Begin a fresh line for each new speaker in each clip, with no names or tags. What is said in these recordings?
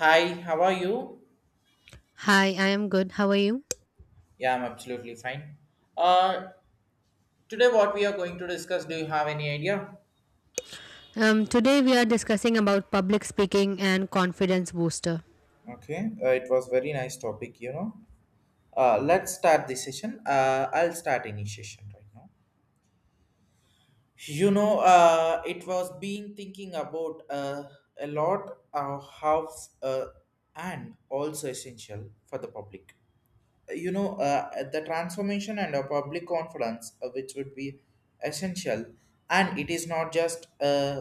Hi, how are you?
Hi, I am good. How are you?
Yeah, I'm absolutely fine. Uh, Today, what we are going to discuss, do you have any idea?
Today we are discussing about public speaking and confidence booster.
Okay, it was very nice topic, you know. Let's start the session. I'll start initiation right now. You know, it was being thinking about a lot of how uh, and also essential for the public. You know the transformation and a public confidence which would be essential, and it is not just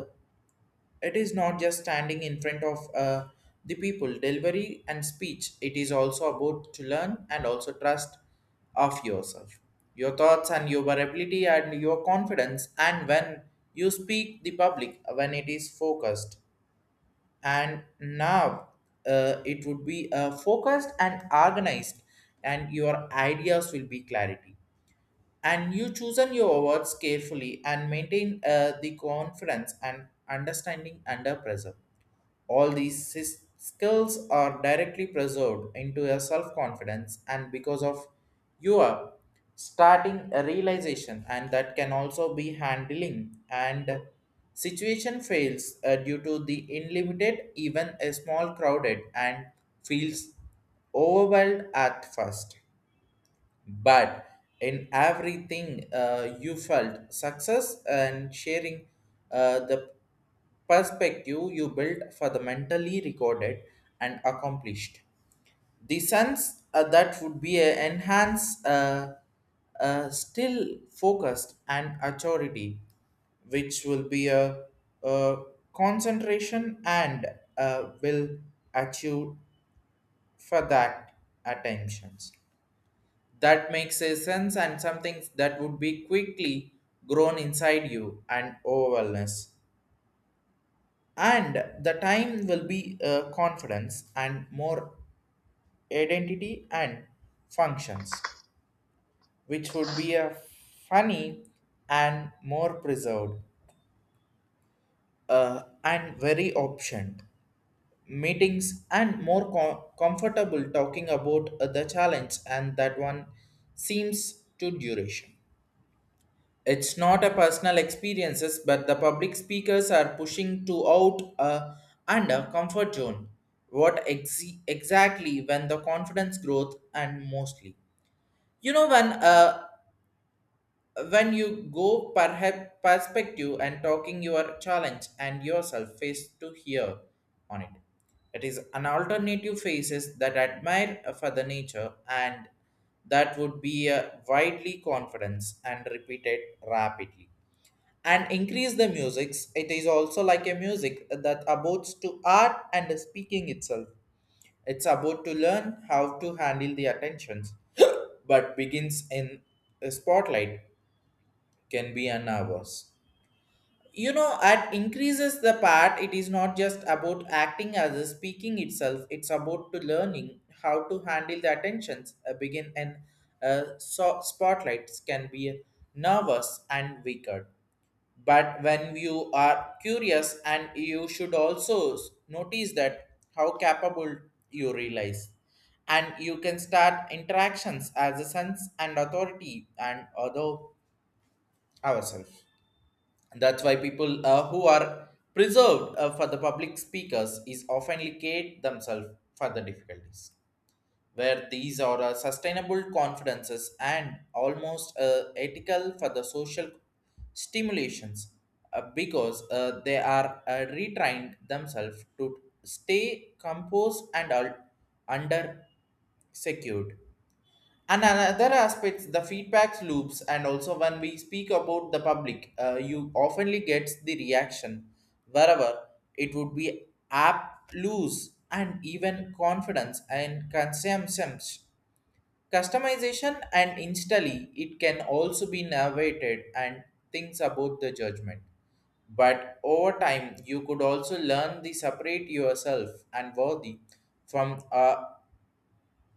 it is not just standing in front of the people delivery and speech. It is also about to learn and also trust of yourself, your thoughts and your ability and your confidence, and when you speak the public when it is focused. And now it would be focused and organized, and your ideas will be clarity, and you chosen your words carefully and maintain the confidence and understanding under pressure. All these skills are directly preserved into your self confidence, and because of your starting a realization, and that can also be handling and situation fails due to the unlimited, even a small crowded, and feels overwhelmed at first, but in everything you felt success and sharing the perspective you built for the mentally recorded and accomplished the sense that would be a enhanced still focused and authority, which will be a concentration and will achieve for that attentions that makes a sense, and something that would be quickly grown inside you and overwhelmness. And the time will be confidence and more identity and functions, which would be a funny and more preserved, and very option meetings and more comfortable talking about the challenge and that one seems to duration. It's not a personal experiences, but the public speakers are pushing to out and a comfort zone. What exactly when the confidence growth, and mostly, you know, when you go perhaps perspective and talking your challenge and yourself face to here on it. It is an alternative faces that admire for the nature, and that would be a widely confidence and repeated rapidly and increase the musics. It is also like a music that abodes to art and speaking itself. It's about to learn how to handle the attentions but begins in a spotlight can be an hours, you know, at increases the part. It is not just about acting as a speaking itself. It's about to learning how to handle the attentions a begin, and so spotlights can be nervous and weaker. But when you are curious, and you should also notice that how capable you realize, and you can start interactions as a sense and authority and other ourselves. That's why people who are preserved for the public speakers is often locate themselves for the difficulties, where these are sustainable confidences and almost ethical for the social stimulations, because they are retrained themselves to stay composed and under secured. And another aspect, the feedback loops, and also when we speak about the public, you oftenly gets the reaction wherever it would be app lose and even confidence and consumption. Customization and instantly it can also be navigated and things about the judgment. But over time, you could also learn to separate yourself and worthy from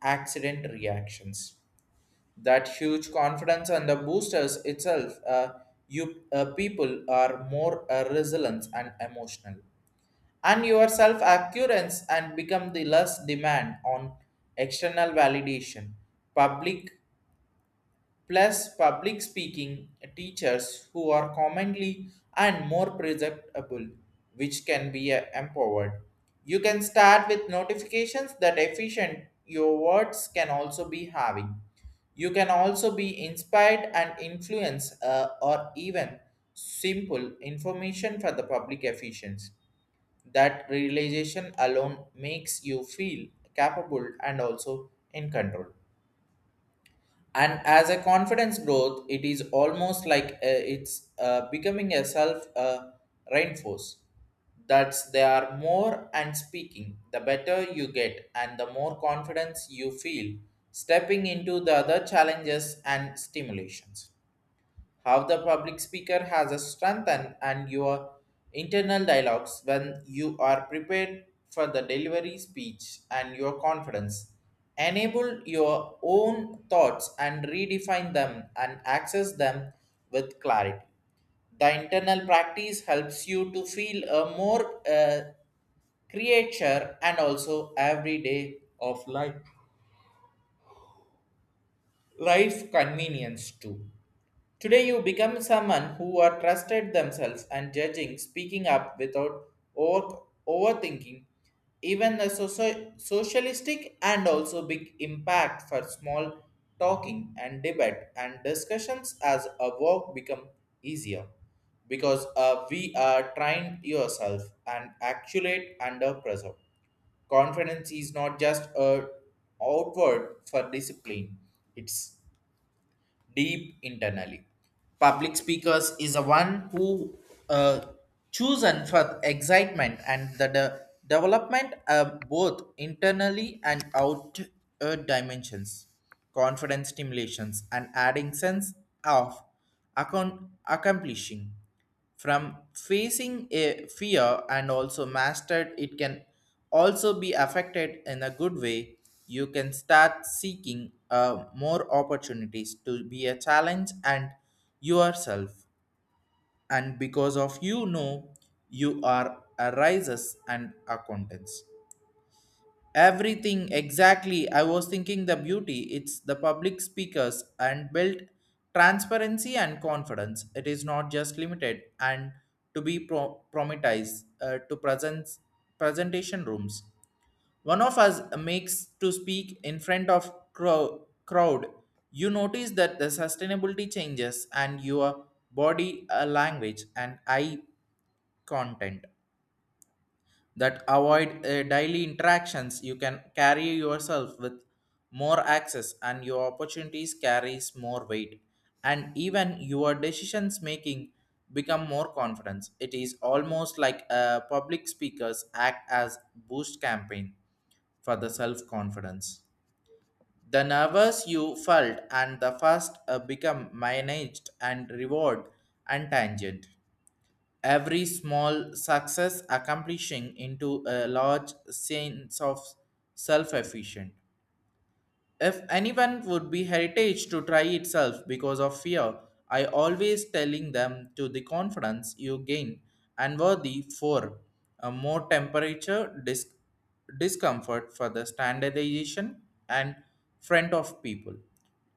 accident reactions. That huge confidence on the boosters itself, you people are more resilient and emotional. And your self accurance and become the less demand on external validation, public plus public speaking teachers who are commonly and more presentable, which can be empowered. You can start with notifications that efficient your words can also be having. You can also be inspired and influence or even simple information for the public efficiency. That realization alone makes you feel capable and also in control. And as a confidence growth, it is almost like it's becoming a self reinforce. That's they are more and speaking, the better you get and the more confidence you feel stepping into the other challenges and stimulations, how the public speaker has a strength, and your internal dialogues when you are prepared for the delivery speech, and your confidence enable your own thoughts and redefine them and access them with clarity. The internal practice helps you to feel a more creature and also everyday of life, life convenience too. Today you become someone who are trusted themselves and judging, speaking up without over, overthinking. Even the socialistic and also big impact for small talking and debate and discussions as a work become easier, because we are trained yourself and accurate under pressure. Confidence is not just a outward for discipline. It's deep internally. Public speakers is a one who uh, chosen for excitement and the development of both internally and out dimensions, confidence stimulations and adding sense of account accomplishing from facing a fear and also mastered. It can also be affected in a good way. You can start seeking more opportunities to be a challenge and yourself, and because of, you know, you are a rises and accountants. Everything exactly. I was thinking the beauty, it's the public speakers and built transparency and confidence. It is not just limited and to be promised to presents presentation rooms. One of us makes to speak in front of crowd. You notice that the sustainability changes and your body language and eye content that avoid daily interactions. You can carry yourself with more access, and your opportunities carries more weight, and even your decisions making become more confidence. It is almost like a public speakers act as boost campaign for the self confidence. The nervous you felt and the first become managed and reward and tangent. Every small success accomplishing into a large sense of self-efficient. If anyone would be heritage to try itself because of fear, I always telling them to the confidence you gain and worthy for a more temperature discomfort for the standardization and friend of people.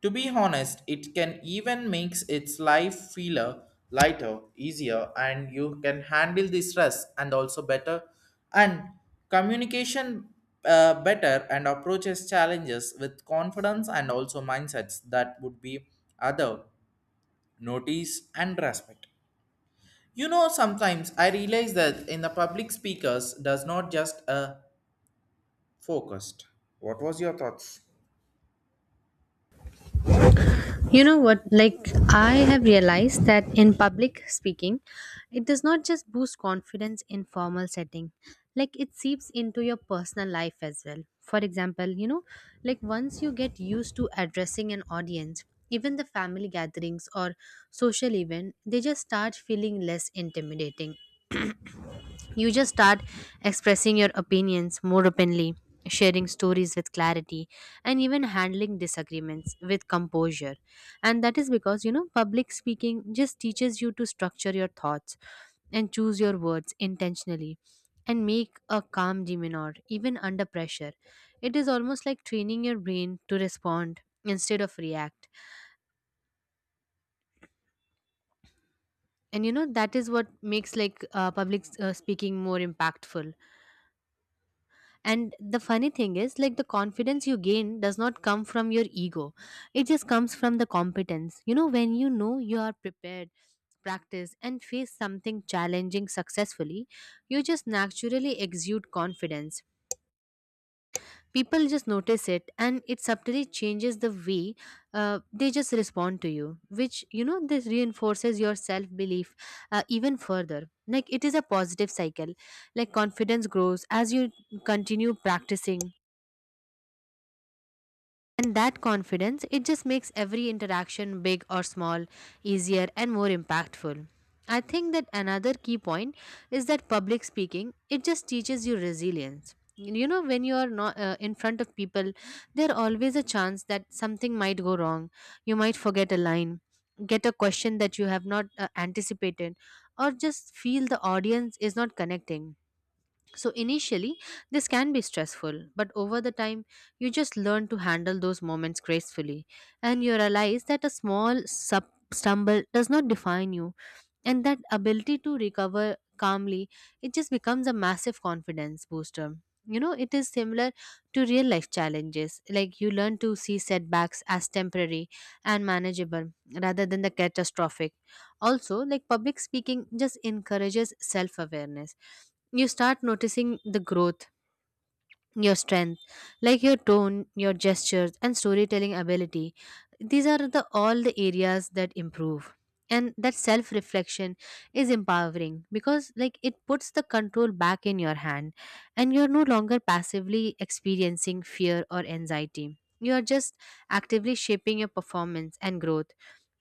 To be honest, it can even makes its life feeler lighter, easier, and you can handle the stress and also better, and communication better, and approaches challenges with confidence and also mindsets that would be other notice and respect. You know, sometimes I realize that in the public speakers does not just focused. What was your thoughts?
You know what? Like, I have realized that in public speaking, it does not just boost confidence in formal setting. Like, it seeps into your personal life as well. For example, you know, like once you get used to addressing an audience, even the family gatherings or social event, they just start feeling less intimidating. You just start expressing your opinions more openly, sharing stories with clarity, and even handling disagreements with composure. And that is because, you know, public speaking just teaches you to structure your thoughts and choose your words intentionally and make a calm demeanor even under pressure. It is almost like training your brain to respond instead of react. And you know, that is what makes like public speaking more impactful. And the funny thing is, like the confidence you gain does not come from your ego. It just comes from the competence. You know, when you know you are prepared, practice, and face something challenging successfully, you just naturally exude confidence. People just notice it and it subtly changes the way they just respond to you, which, you know, this reinforces your self belief even further. Like it is a positive cycle. Like confidence grows as you continue practicing. And that confidence, it just makes every interaction, big or small, easier and more impactful. I think that another key point is that public speaking, it just teaches you resilience. You know, when you are not in front of people, there always a chance that something might go wrong. You might forget a line, get a question that you have not anticipated, or just feel the audience is not connecting. So initially, this can be stressful, but over the time, you just learn to handle those moments gracefully, and you realize that a small sub stumble does not define you, and that ability to recover calmly, it just becomes a massive confidence booster. You know, it is similar to real life challenges. Like you learn to see setbacks as temporary and manageable rather than the catastrophic. Also, like public speaking just encourages self awareness. You start noticing the growth, your strength, like your tone, your gestures, and storytelling ability. These are the all the areas that improve, and that self reflection is empowering, because like it puts the control back in your hand, and you're no longer passively experiencing fear or anxiety. You are just actively shaping your performance and growth.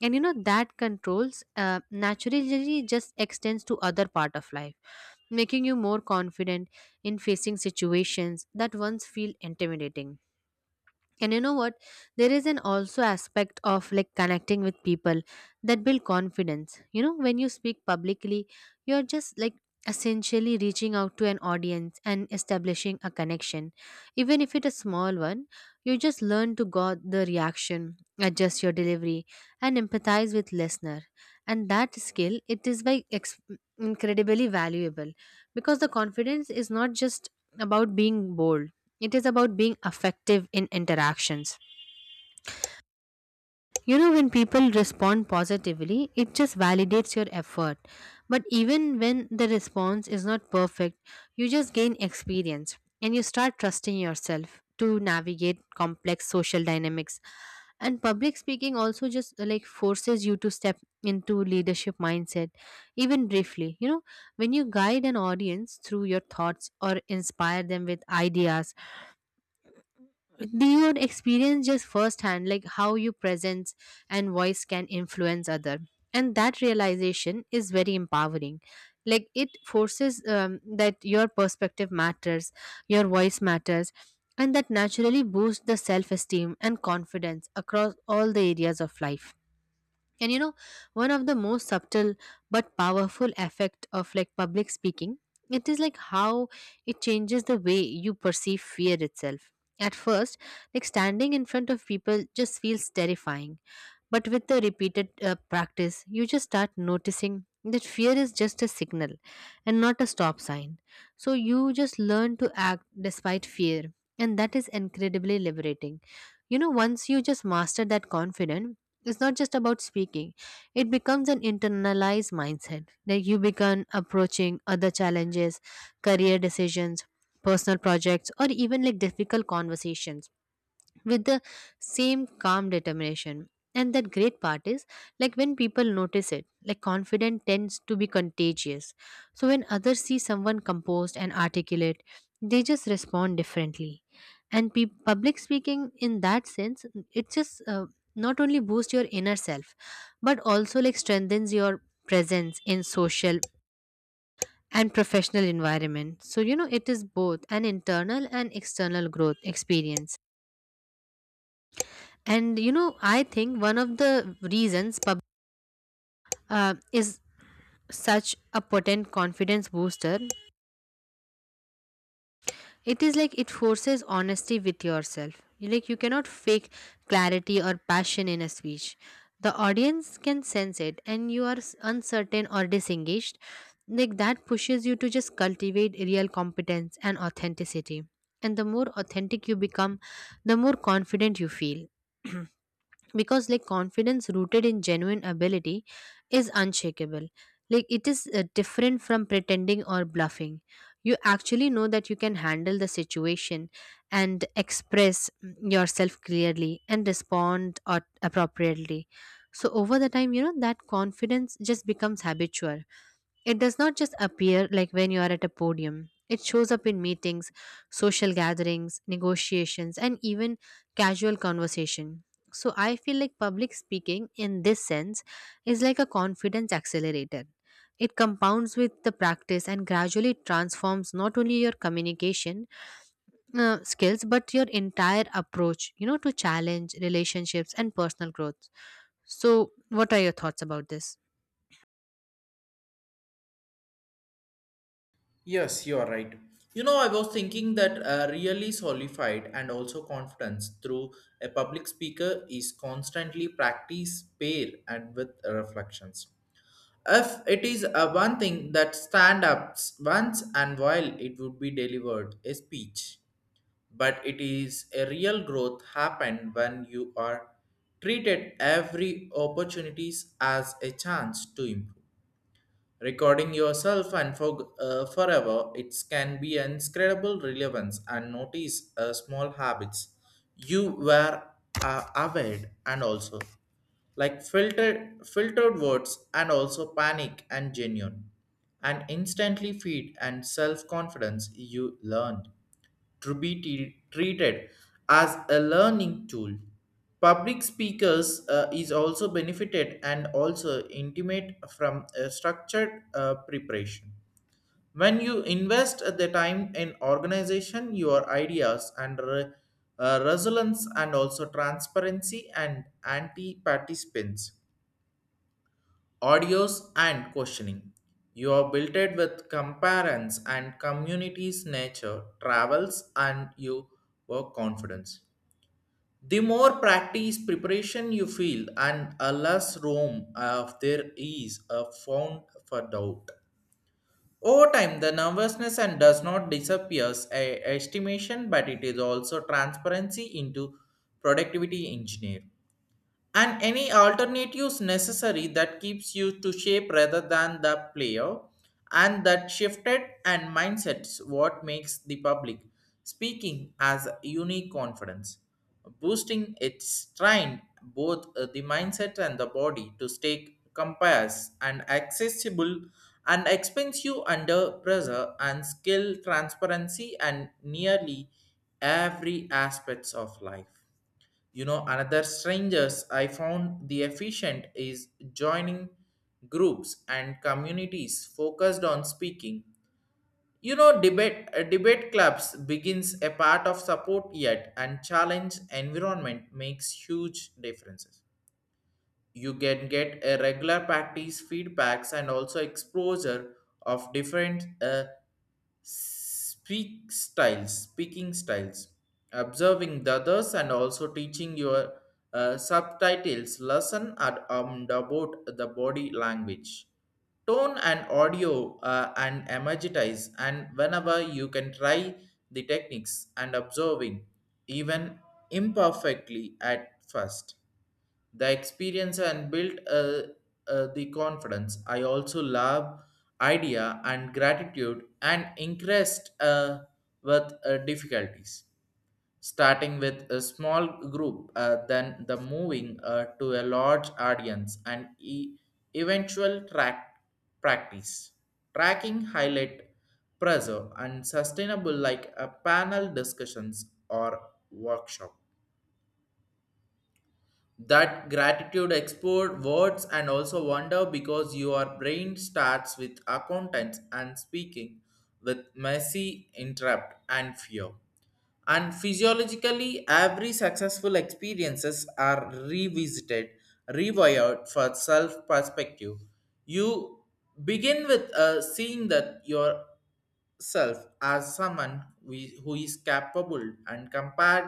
And you know that controls naturally just extends to other part of life, making you more confident in facing situations that once feel intimidating. And you know what, there is an also aspect of like connecting with people that build confidence. You know, when you speak publicly, you're just like essentially reaching out to an audience and establishing a connection, even if it's a small one. You just learn to guard the reaction, adjust your delivery, and empathize with listener. And that skill, it is by ex- incredibly valuable, because the confidence is not just about being bold, it is about being effective in interactions. You know, when people respond positively, it just validates your effort. But even when the response is not perfect, you just gain experience and you start trusting yourself to navigate complex social dynamics. And public speaking also just like forces you to step into leadership mindset, even briefly. You know, when you guide an audience through your thoughts or inspire them with ideas, do you experience just firsthand like how your presence and voice can influence other. And that realization is very empowering. Like it forces that your perspective matters, your voice matters, and that naturally boosts the self-esteem and confidence across all the areas of life. And you know, one of the most subtle but powerful effect of like public speaking, it is like how it changes the way you perceive fear itself. At first, like standing in front of people just feels terrifying, but with the repeated practice, you just start noticing that fear is just a signal and not a stop sign. So you just learn to act despite fear, and that is incredibly liberating. You know, once you just master that confidence, it's not just about speaking, it becomes an internalized mindset. Like you begin approaching other challenges, career decisions, personal projects, or even like difficult conversations with the same calm determination. And that great part is like when people notice it, like confidence tends to be contagious. So when others see someone composed and articulate, they just respond differently. And public speaking, in that sense, it just not only boosts your inner self, but also like strengthens your presence in social and professional environment. So you know it is both an internal and external growth experience. And you know, I think one of the reasons pub is such a potent confidence booster. It is like it forces honesty with yourself. Like you cannot fake clarity or passion in a speech. The audience can sense it, and you are uncertain or disengaged. Like that pushes you to just cultivate real competence and authenticity. And the more authentic you become, the more confident you feel. Because like confidence rooted in genuine ability is unshakable. Like it is different from pretending or bluffing. You actually know that you can handle the situation and express yourself clearly and respond or appropriately. So over the time, you know that confidence just becomes habitual. It does not just appear like when you are at a podium. It shows up in meetings, social gatherings, negotiations, and even casual conversation. So I feel like public speaking in this sense is like a confidence accelerator. It compounds with the practice and gradually transforms not only your communication skills but your entire approach, you know, to challenge relationships and personal growth. So, what are your thoughts about this?
Yes, you are right. You know, I was thinking that really solidified and also confidence through a public speaker is constantly practice pair and with reflections. If it is a one thing that stand ups once and while it would be delivered a speech, but it is a real growth happen when you are treated every opportunities as a chance to improve, recording yourself and for forever. It can be an incredible relevance and notice small habits you were aware and also like filtered words and also panic and genuine and instantly feed, and self confidence you learned to be treated as a learning tool. Public speakers is also benefited and also intimate from a structured preparation. When you invest the time in organization, your ideas and resilience and also transparency and anti-participants audios and questioning. You are built it with comparance and communities, nature, travels, and you work confidence. The more practice preparation you feel, and a less room of there is a found for doubt. Over time, the nervousness and does not disappears a estimation, but it is also transparency into productivity engineer, and any alternatives necessary that keeps you to shape rather than the player. And that shifted and mindsets what makes the public speaking as unique confidence boosting. Its trained both the mindset and the body to stay compass and accessible and expensive under pressure, and skill transparency and nearly every aspects of life. You know, another strangers I found the efficient is joining groups and communities focused on speaking. You know, debate debate clubs begins a part of support yet and challenge environment makes huge differences. You can get a regular practice feedbacks and also exposure of different speaking styles, observing the others and also teaching your subtitles lesson at, about the body language, tone and audio and emojitize, and whenever you can try the techniques and observing, even imperfectly at first, the experience and built the confidence. I also love idea and gratitude and increased with difficulties, starting with a small group, then the moving to a large audience, and eventual track practice, tracking highlight pressure and sustainable, like a panel discussions or workshop that gratitude export words and also wonder, because your brain starts with accountants and speaking with messy interrupt and fear. And physiologically, every successful experiences are revisited, rewired for self perspective. You begin with seeing that yourself as someone who is capable and compared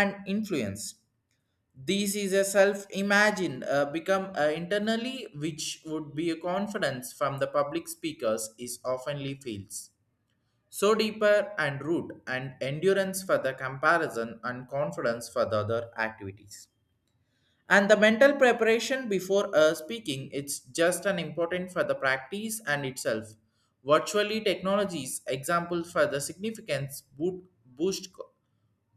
and influenced. This is a self imagine become internally, which would be a confidence from the public speakers is oftenly feels. So deeper and root and endurance for the comparison and confidence for the other activities. And the mental preparation before speaking, it's just an important for the practice and itself. Virtually technologies, examples for the significance boost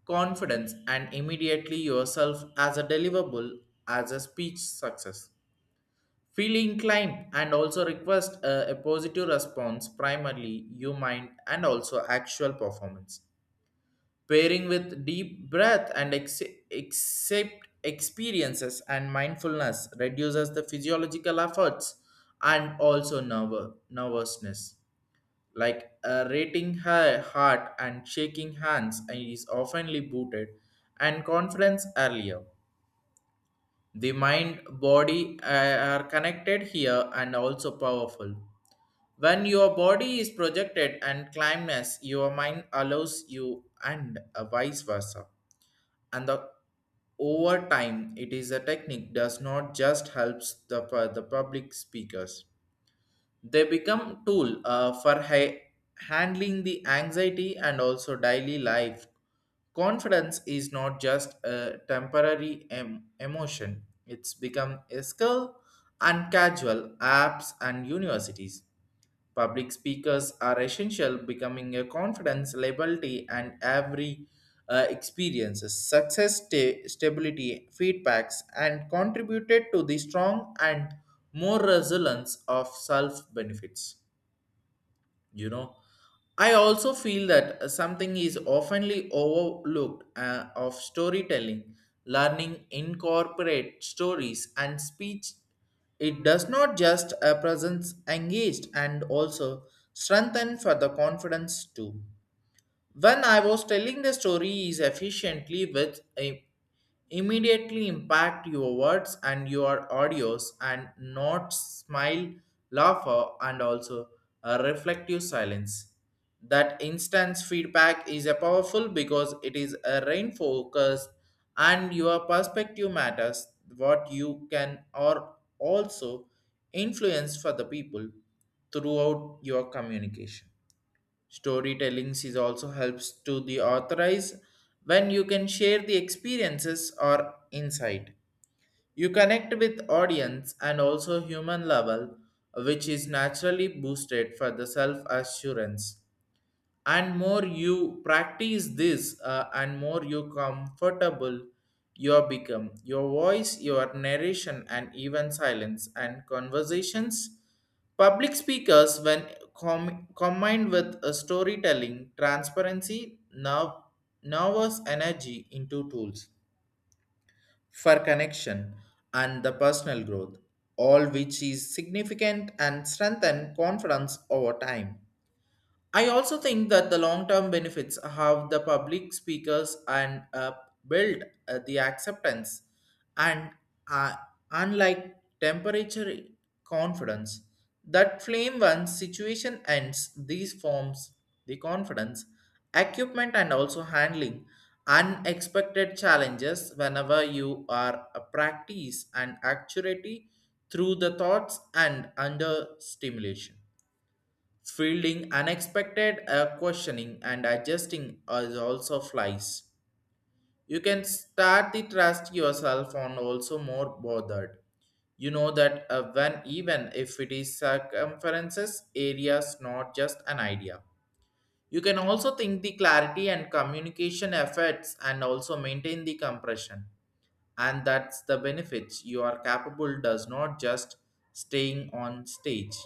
confidence and immediately yourself as a deliverable, as a speech success, feel inclined and also request a positive response, primarily you mind and also actual performance, pairing with deep breath and accept experiences and mindfulness, reduces the physiological efforts and also nervousness, like rating her heart and shaking hands, and is oftenly booted and conference earlier. The mind body are connected here and also powerful. When your body is projected and climbness, your mind allows you, and vice versa. And the over time, it is a technique does not just helps the public speakers. They become tool for handling the anxiety and also daily life. Confidence is not just a temporary emotion. It's become a skill and casual apps and universities. Public speakers are essential, becoming a confidence, liability, and every experiences, success, stability, feedbacks, and contributed to the strong and more resilience of self benefits, you know. I also feel that something is oftenly overlooked of storytelling. Learning incorporate stories and speech, it does not just a presence engaged and also strengthen for the confidence too. When I was telling the story is efficiently with a immediately impact your words and your audios and not smile, laugher and also a reflective silence. That instance feedback is a powerful because it is a rain focus and your perspective matters, what you can or also influence for the people throughout your communication. Storytelling is also helps to the authorize when you can share the experiences or insight. You connect with audience and also human level, which is naturally boosted for the self-assurance. And more you practice this and more you comfortable, you become your voice, your narration, and even silence and conversations. Public speakers, when combined with a storytelling transparency nervous energy into tools for connection and the personal growth, all which is significant and strengthen confidence over time. I also think that the long term benefits have the public speakers and build the acceptance and uh, unlike temperature confidence that flame once situation ends, these forms the confidence equipment and also handling unexpected challenges. Whenever you are a practice and accuracy through the thoughts and under stimulation, fielding unexpected questioning and adjusting as also flies, you can start the trust yourself on also more bothered. You know that when even if it is circumferences, areas, not just an idea. You can also think the clarity and communication efforts and also maintain the compression. And that's the benefits you are capable, does not just staying on stage,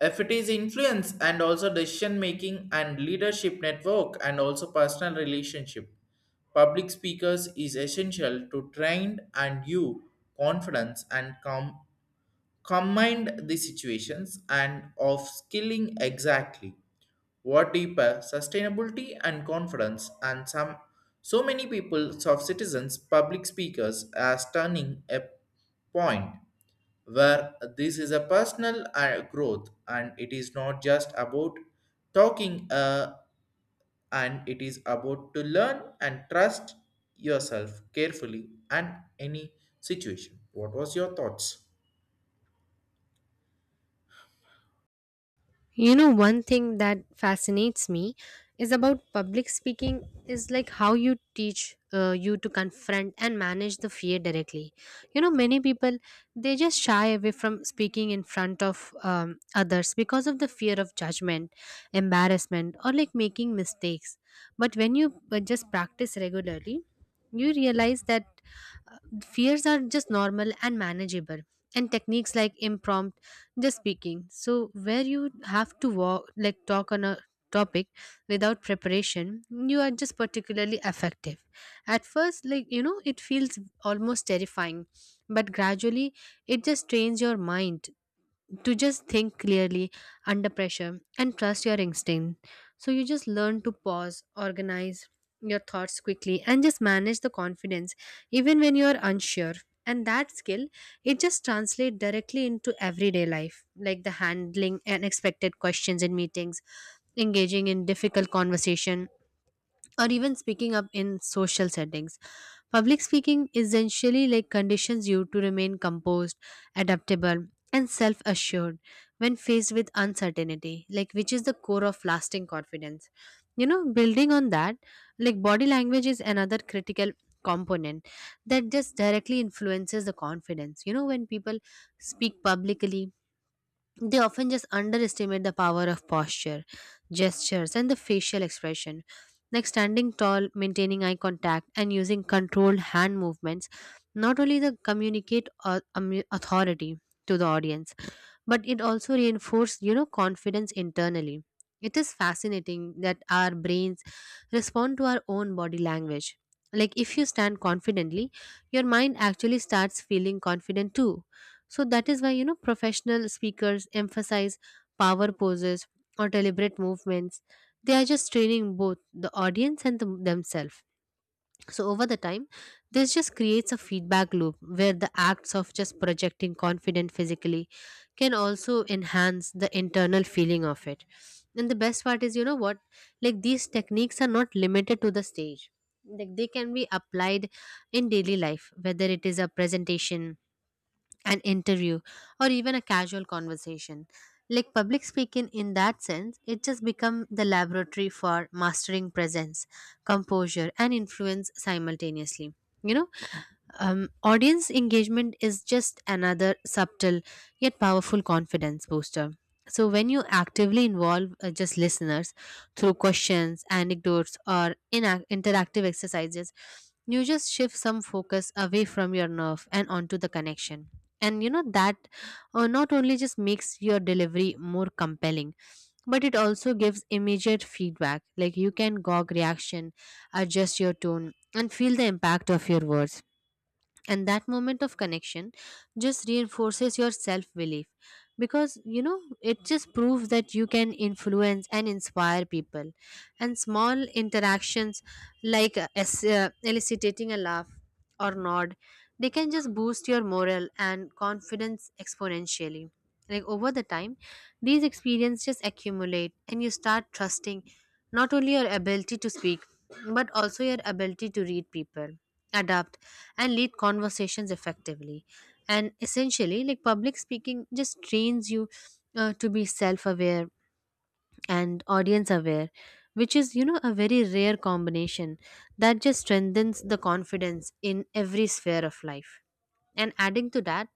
if it is influence and also decision making and leadership network and also personal relationship. Public speakers is essential to train and you confidence and combined the situations and of skilling exactly what deeper sustainability and confidence and some. So many people of citizens public speakers as turning a point where this is a personal growth, and it is not just about talking, and it is about to learn and trust yourself carefully and any situation. What was your thoughts?
You know, one thing that fascinates me is about public speaking is like how you teach you to confront and manage the fear directly. You know, many people they just shy away from speaking in front of others because of the fear of judgment, embarrassment, or like making mistakes. But when you just practice regularly, you realize that uh, fears are just normal and manageable. And techniques like impromptu just speaking, so where you have to walk like talk on a topic without preparation, you are just particularly effective. At first, like you know it feels almost terrifying, but gradually it just trains your mind to just think clearly under pressure and trust your instinct. So you just learn to pause, organize your thoughts quickly, and just manage the confidence even when you are unsure. And that skill, it just translates directly into everyday life, like the handling unexpected questions in meetings, engaging in difficult conversation, or even speaking up in social settings. Public speaking essentially like conditions you to remain composed, adaptable, and self-assured when faced with uncertainty, like which is the core of lasting confidence. You know, building on that, like body language is another critical component that just directly influences the confidence. You know, when people speak publicly, they often just underestimate the power of posture, gestures, and the facial expression. Like standing tall, maintaining eye contact, and using controlled hand movements, not only the communicate authority to the audience, but it also reinforced you know confidence internally. It is fascinating that our brains respond to our own body language. Like if you stand confidently, your mind actually starts feeling confident too. So that is why, you know, professional speakers emphasize power poses or deliberate movements. They are just training both the audience and the, themselves. So over the time, this just creates a feedback loop where the acts of just projecting confident physically can also enhance the internal feeling of it. And the best part is, you know what? Like these techniques are not limited to the stage. Like they can be applied in daily life, whether it is a presentation, an interview, or even a casual conversation. Like public speaking in that sense, it just become the laboratory for mastering presence, composure, and influence simultaneously. You know, audience engagement is just another subtle yet powerful confidence booster. So, when you actively involve just listeners through questions, anecdotes, or inac interactive exercises, you just shift some focus away from your nerve and onto the connection. And you know that not only just makes your delivery more compelling, but it also gives immediate feedback. Like you can gog reaction, adjust your tone, and feel the impact of your words. And that moment of connection just reinforces your self belief, because you know it just proves that you can influence and inspire people. And small interactions, like eliciting a laugh or nod, they can just boost your morale and confidence exponentially. Like over the time, these experiences just accumulate and you start trusting not only your ability to speak, but also your ability to read people, adapt, and lead conversations effectively. And essentially, like public speaking just trains you to be self aware and audience aware, which is you know a very rare combination that just strengthens the confidence in every sphere of life. And adding to that,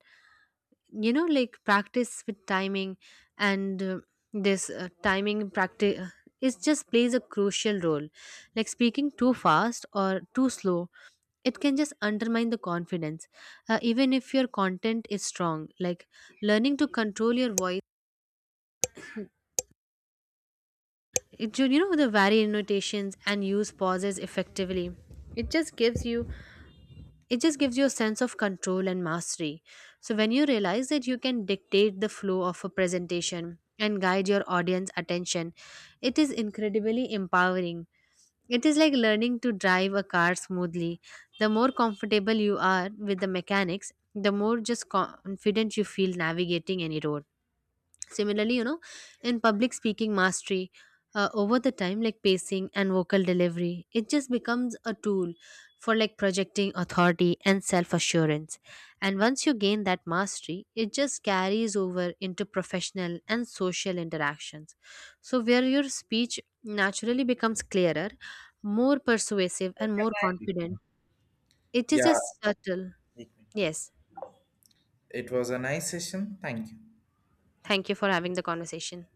you know, like practice with timing and this timing practice is just plays a crucial role. Like speaking too fast or too slow, it can just undermine the confidence, even if your content is strong. Like learning to control your voice, you know the vary notations and use pauses effectively. It just gives you it just gives you a sense of control and mastery. So when you realize that you can dictate the flow of a presentation and guide your audience attention, it is incredibly empowering. It is like learning to drive a car smoothly. The more comfortable you are with the mechanics, the more just confident you feel navigating any road. Similarly, you know, in public speaking mastery, over the time, like pacing and vocal delivery, it just becomes a tool for like projecting authority and self assurance. And once you gain that mastery, it just carries over into professional and social interactions. So, where your speech naturally becomes clearer, more persuasive, and more confident, it is
Yeah,
just subtle. Yes.
it was a nice session. Thank you.
Thank you for having the conversation.